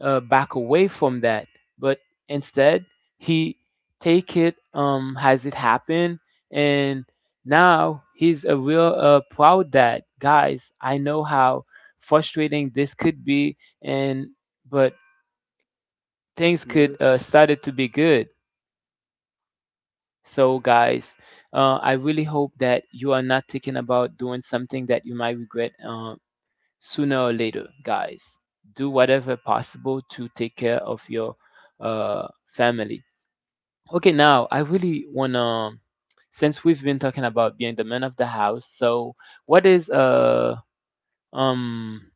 [SPEAKER 1] back away from that, but instead he take it has it happened, and now he's a real proud dad. Guys, I know how frustrating this could be, and but things could
[SPEAKER 3] Melissa,
[SPEAKER 1] started to be good. So, guys, I really hope that you are not thinking about doing something that you might regret sooner or later, guys. Do whatever possible to take care of your family. Okay, now I really wanna, since we've been talking about being the man of the house, so what is uh um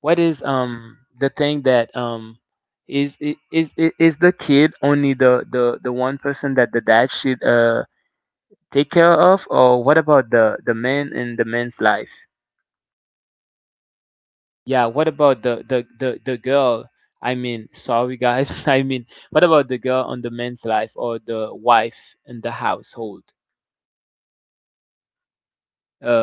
[SPEAKER 1] what is the thing that is is the kid only the one person that the dad should take care of, or what about the man in the man's life? Yeah, what about the girl? I mean, sorry guys. I mean, what about the girl on the man's life or the wife in the household?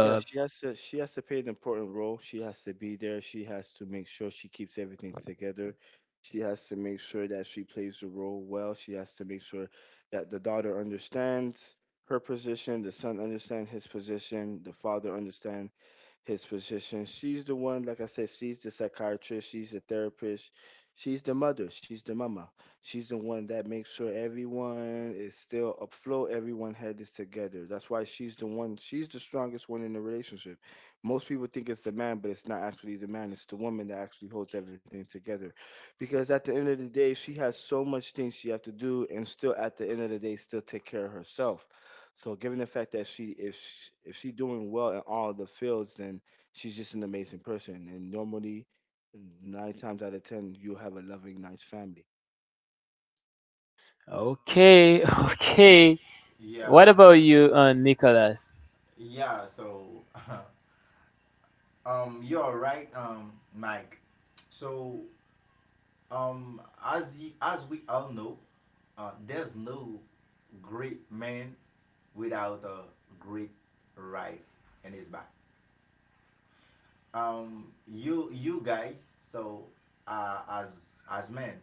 [SPEAKER 3] yeah, she has to play an important role. She has to be there. She has to make sure she keeps everything together. She has to make sure that she plays the role well. She has to make sure that the daughter understands her position, the son understands his position, the father understands his position. She's the one, like I said, she's the psychiatrist, she's the therapist, she's the mother, she's the mama. She's the one that makes sure everyone is still afloat, everyone head is together. That's why she's the one, she's the strongest one in the relationship. Most people think it's the man, but it's not actually the man, it's the woman that actually holds everything together. Because at the end of the day, she has so much things she have to do, and still at the end of the day still take care of herself. So given the fact that if she doing well in all the fields, then she's just an amazing person. And normally, nine times out of ten, you have a loving, nice family.
[SPEAKER 1] okay, okay. What
[SPEAKER 2] yeah,
[SPEAKER 1] about you, Nicholas?
[SPEAKER 2] yeah. So, you're right, Mike. So as you, as we all know, there's no great man without a great rifle in his back. You you guys, so uh, as as men,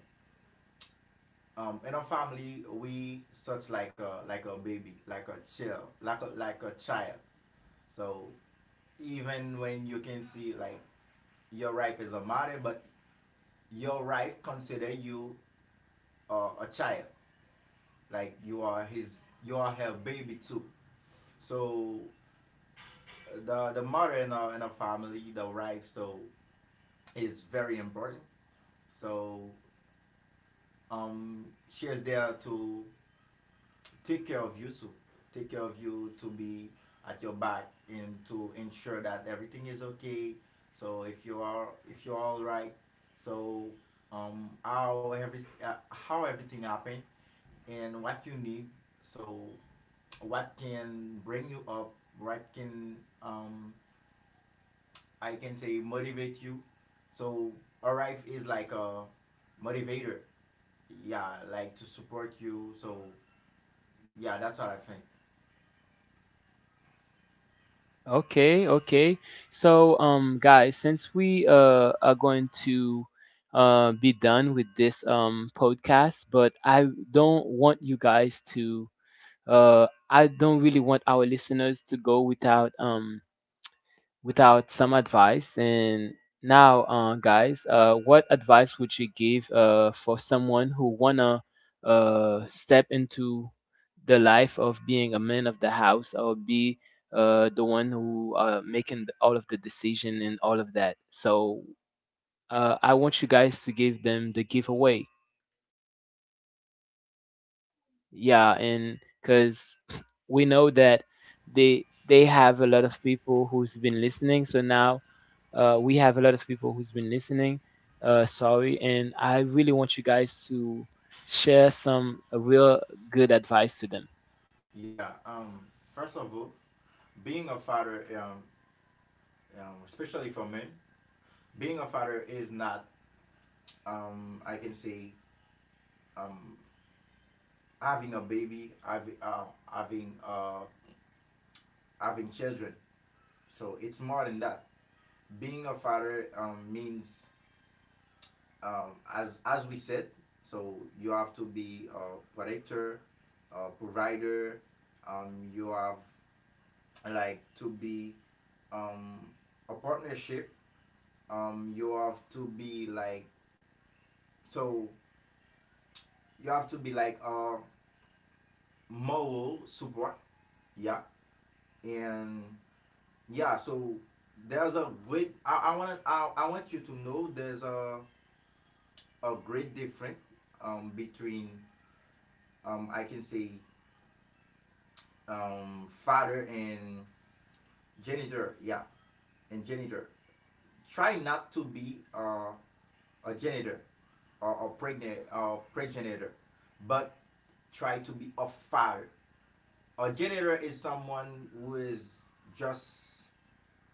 [SPEAKER 2] in our family we such like a baby, like a child, like a child. So even when you can see like your wife is a mother, but your wife consider you a child. Like you are his, you are her baby too. So the mother in our, in our family, the wife, so is very important. So um she is there to take care of you too, take care of you to be at your back, and to ensure that everything is okay. So if you are, if you're all right, so how every how everything happened, and what you need, so what can bring you up, what can um, I can say motivate you. So Arif is like a motivator. Yeah, like to support you. So yeah, that's what I think.
[SPEAKER 1] Okay, okay. So, guys, since we are going to be done with this podcast, but I don't want you guys to I don't really want our listeners to go without without some advice. And now, guys, what advice would you give for someone who wanna step into the life of being a man of the house or be the one who making all of the decision and all of that? So I want you guys to give them the giveaway. Yeah, and because we know that they have a lot of people who's been listening. So now we have a lot of people who's been listening. Sorry, and I really want you guys to share some real good advice to them.
[SPEAKER 2] Yeah. First of all, being a father, especially for men, being a father is not I can say um, having a baby, having uh, having children. So it's more than that. Being a father means, as we said, so you have to be a protector, a provider. You have like to be um, a partnership. You have to be like so. You have to be like a moral support. Yeah, and yeah. So there's a great. I want you to know there's a great difference between, I can say, father and janitor, yeah, and janitor. Try not to be a janitor or a pregnant or progenitor, but try to be a father. A janitor is someone who is just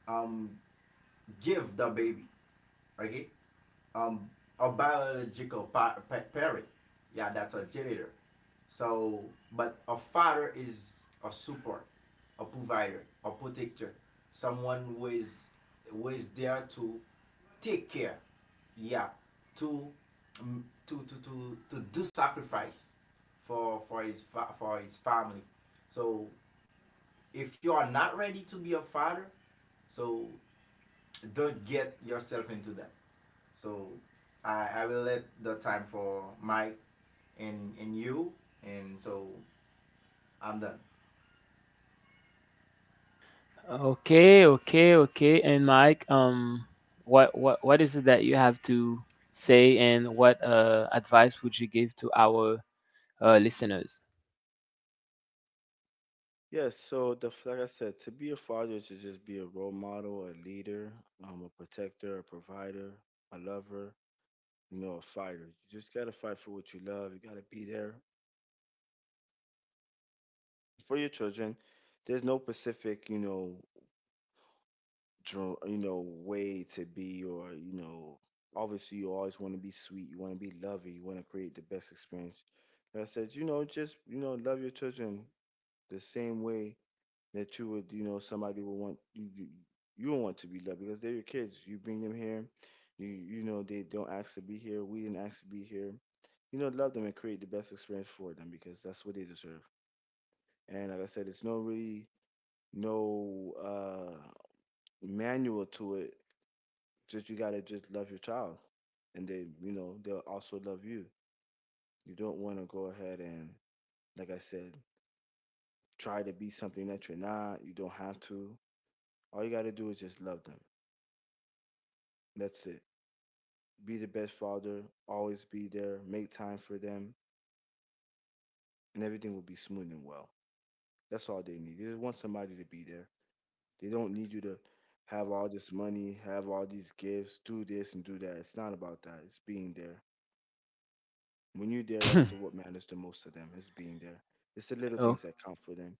[SPEAKER 2] um give the baby, okay? um, a biological parent. Yeah, that's a janitor. So, but a father is a support, a provider, a protector, someone who is there to take care. Yeah, to to do sacrifice for his for his family. So if you are not ready to be a father, so don't get yourself into that. So I will let the time for Mike and you, and so I'm done.
[SPEAKER 1] Okay, okay, okay. And Mike, what is it that you have to say, and what advice would you give to our listeners?
[SPEAKER 3] Yes, so the, like I said, to be a father is to just be a role model, a leader, a protector, a provider, a lover, you know, a fighter. You just gotta fight for what you love. You gotta be there for your children. There's no specific, you know, you know, way to be. Or, you know, obviously you always want to be sweet, you want to be loving, you want to create the best experience. Like I said, you know, just, you know, love your children the same way that you would, you, you would want to be loved, because they're your kids, you bring them here. You know, they don't ask to be here, we didn't ask to be here. You know, love them and create the best experience for them because that's what they deserve. And like I said, it's no really, no manual to it. Just you gotta just love your child, and they, you know, they'll also love you. You don't want to go ahead and, like I said, try to be something that you're not. You don't have to. All you gotta do is just love them. That's it. Be the best father. Always be there. Make time for them, and everything will be smooth and well. That's all they need. They just want somebody to be there. They don't need you to have all this money, have all these gifts, do this and do that. It's not about that. It's being there. When you're there, that's the, what matters the most to them is being there. It's the little
[SPEAKER 1] Okay,
[SPEAKER 3] things that count for them.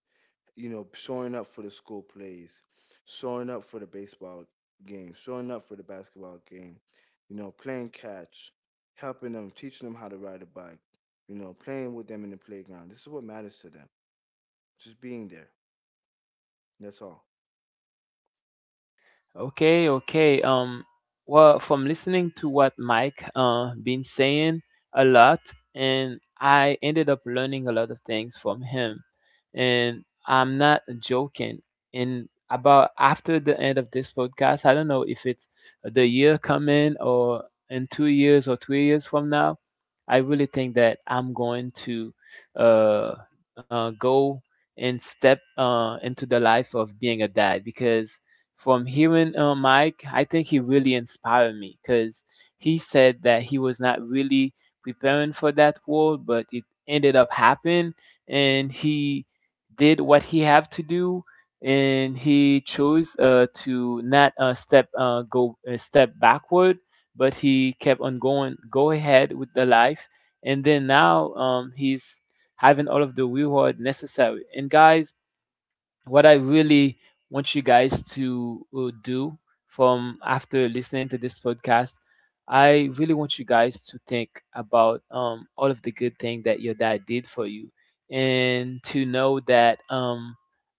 [SPEAKER 3] You know, showing up for the school plays, showing up for the baseball game, showing up for the basketball game, you know, playing catch, helping them, teaching them how to ride a bike, you know, playing with them in the playground. This is what matters to them. Just being there. That's all.
[SPEAKER 1] okay, okay. Well, from listening to what Mike been saying a lot, and I ended up learning a lot of things from him. And I'm not joking. And about after the end of this podcast, I don't know if it's the year coming or in 2 years or 3 years from now, I really think that I'm going to uh, go and step into the life of being a dad because from hearing Mike, I think he really inspired me because he said that he was not really preparing for that world, but it ended up happening, and he did what he had to do, and he chose to not step backward, but he kept on going, go ahead with the life, and then now he's having all of the reward necessary. And guys, what I really want you guys to do from after listening to this podcast, I really want you guys to think about all of the good thing that your dad did for you, and to know that um,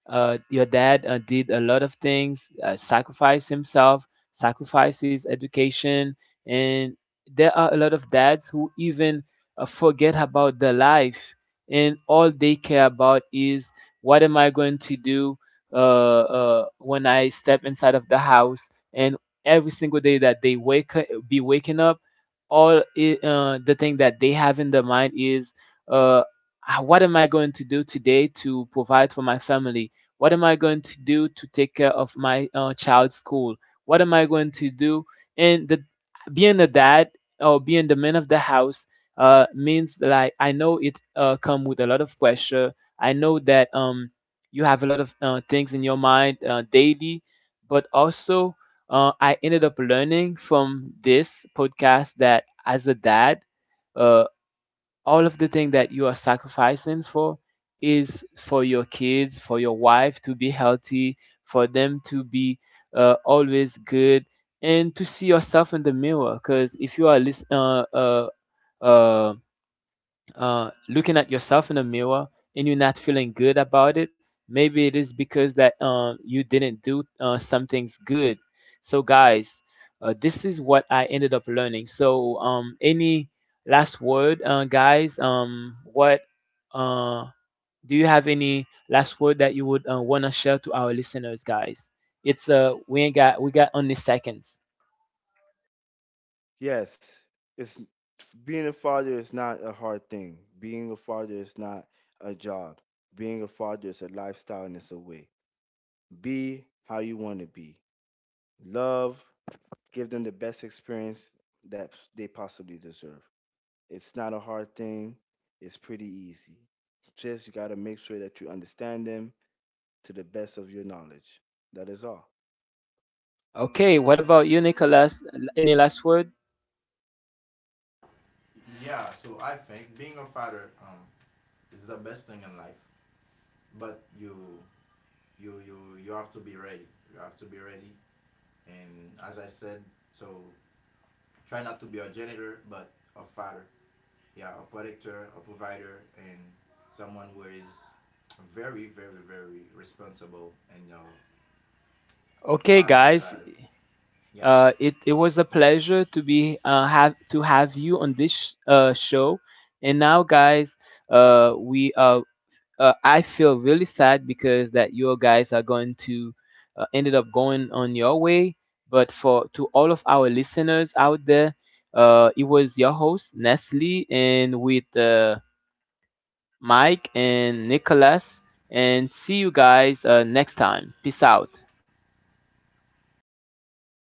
[SPEAKER 1] uh, your dad did a lot of things, sacrifice himself, sacrificed his education, and there are a lot of dads who even forget about their life, and all they care about is what am I going to do when I step inside of the house. And every single day that they wake up, be waking up the thing that they have in their mind is uh, "Ah, what am I going to do today to provide for my family? What am I going to do to take care of my child's school? What am I going to do?" And the being the dad or being the man of the house means like I know it come with a lot of pressure. I know that you have a lot of things in your mind daily, but also I ended up learning from this podcast that as a dad, uh, all of the thing that you are sacrificing for is for your kids, for your wife to be healthy, for them to be always good, and to see yourself in the mirror. Because if you are listening, um looking at yourself in the mirror and you're not feeling good about it, maybe it is because that you didn't do some things good. So, guys, this is what I ended up learning. So, any last word, guys? What uh, do you have any last word that you would want to share to our listeners, guys? It's we ain't got we got only seconds.
[SPEAKER 3] Yes, it's, being a father is not a hard thing. Being a father is not a job. Being a father is a lifestyle, and it's a way. Be how you want to be. Love, give them the best experience that they possibly deserve. It's not a hard thing, it's pretty easy. Just, you got to make sure that you understand them to the best of your knowledge. That is all.
[SPEAKER 1] Okay, what about you, Nicholas? Any last word?
[SPEAKER 2] Yeah, so I think being a father, is the best thing in life, but you you you have to be ready. You have to be ready, and as I said, so try not to be a janitor, but a father. Yeah, a protector, a provider, and someone who is very, very, very responsible in your
[SPEAKER 1] Okay,
[SPEAKER 2] family
[SPEAKER 1] guys,
[SPEAKER 2] life. Yeah,
[SPEAKER 1] It it was a pleasure to be have you on this show. And now, guys, we I feel really sad because that you guys are going to ended up going on your way. But for to all of our listeners out there, it was your host Nestle and with Mike and Nicholas. And see you guys next time. Peace out.
[SPEAKER 2] goodbye.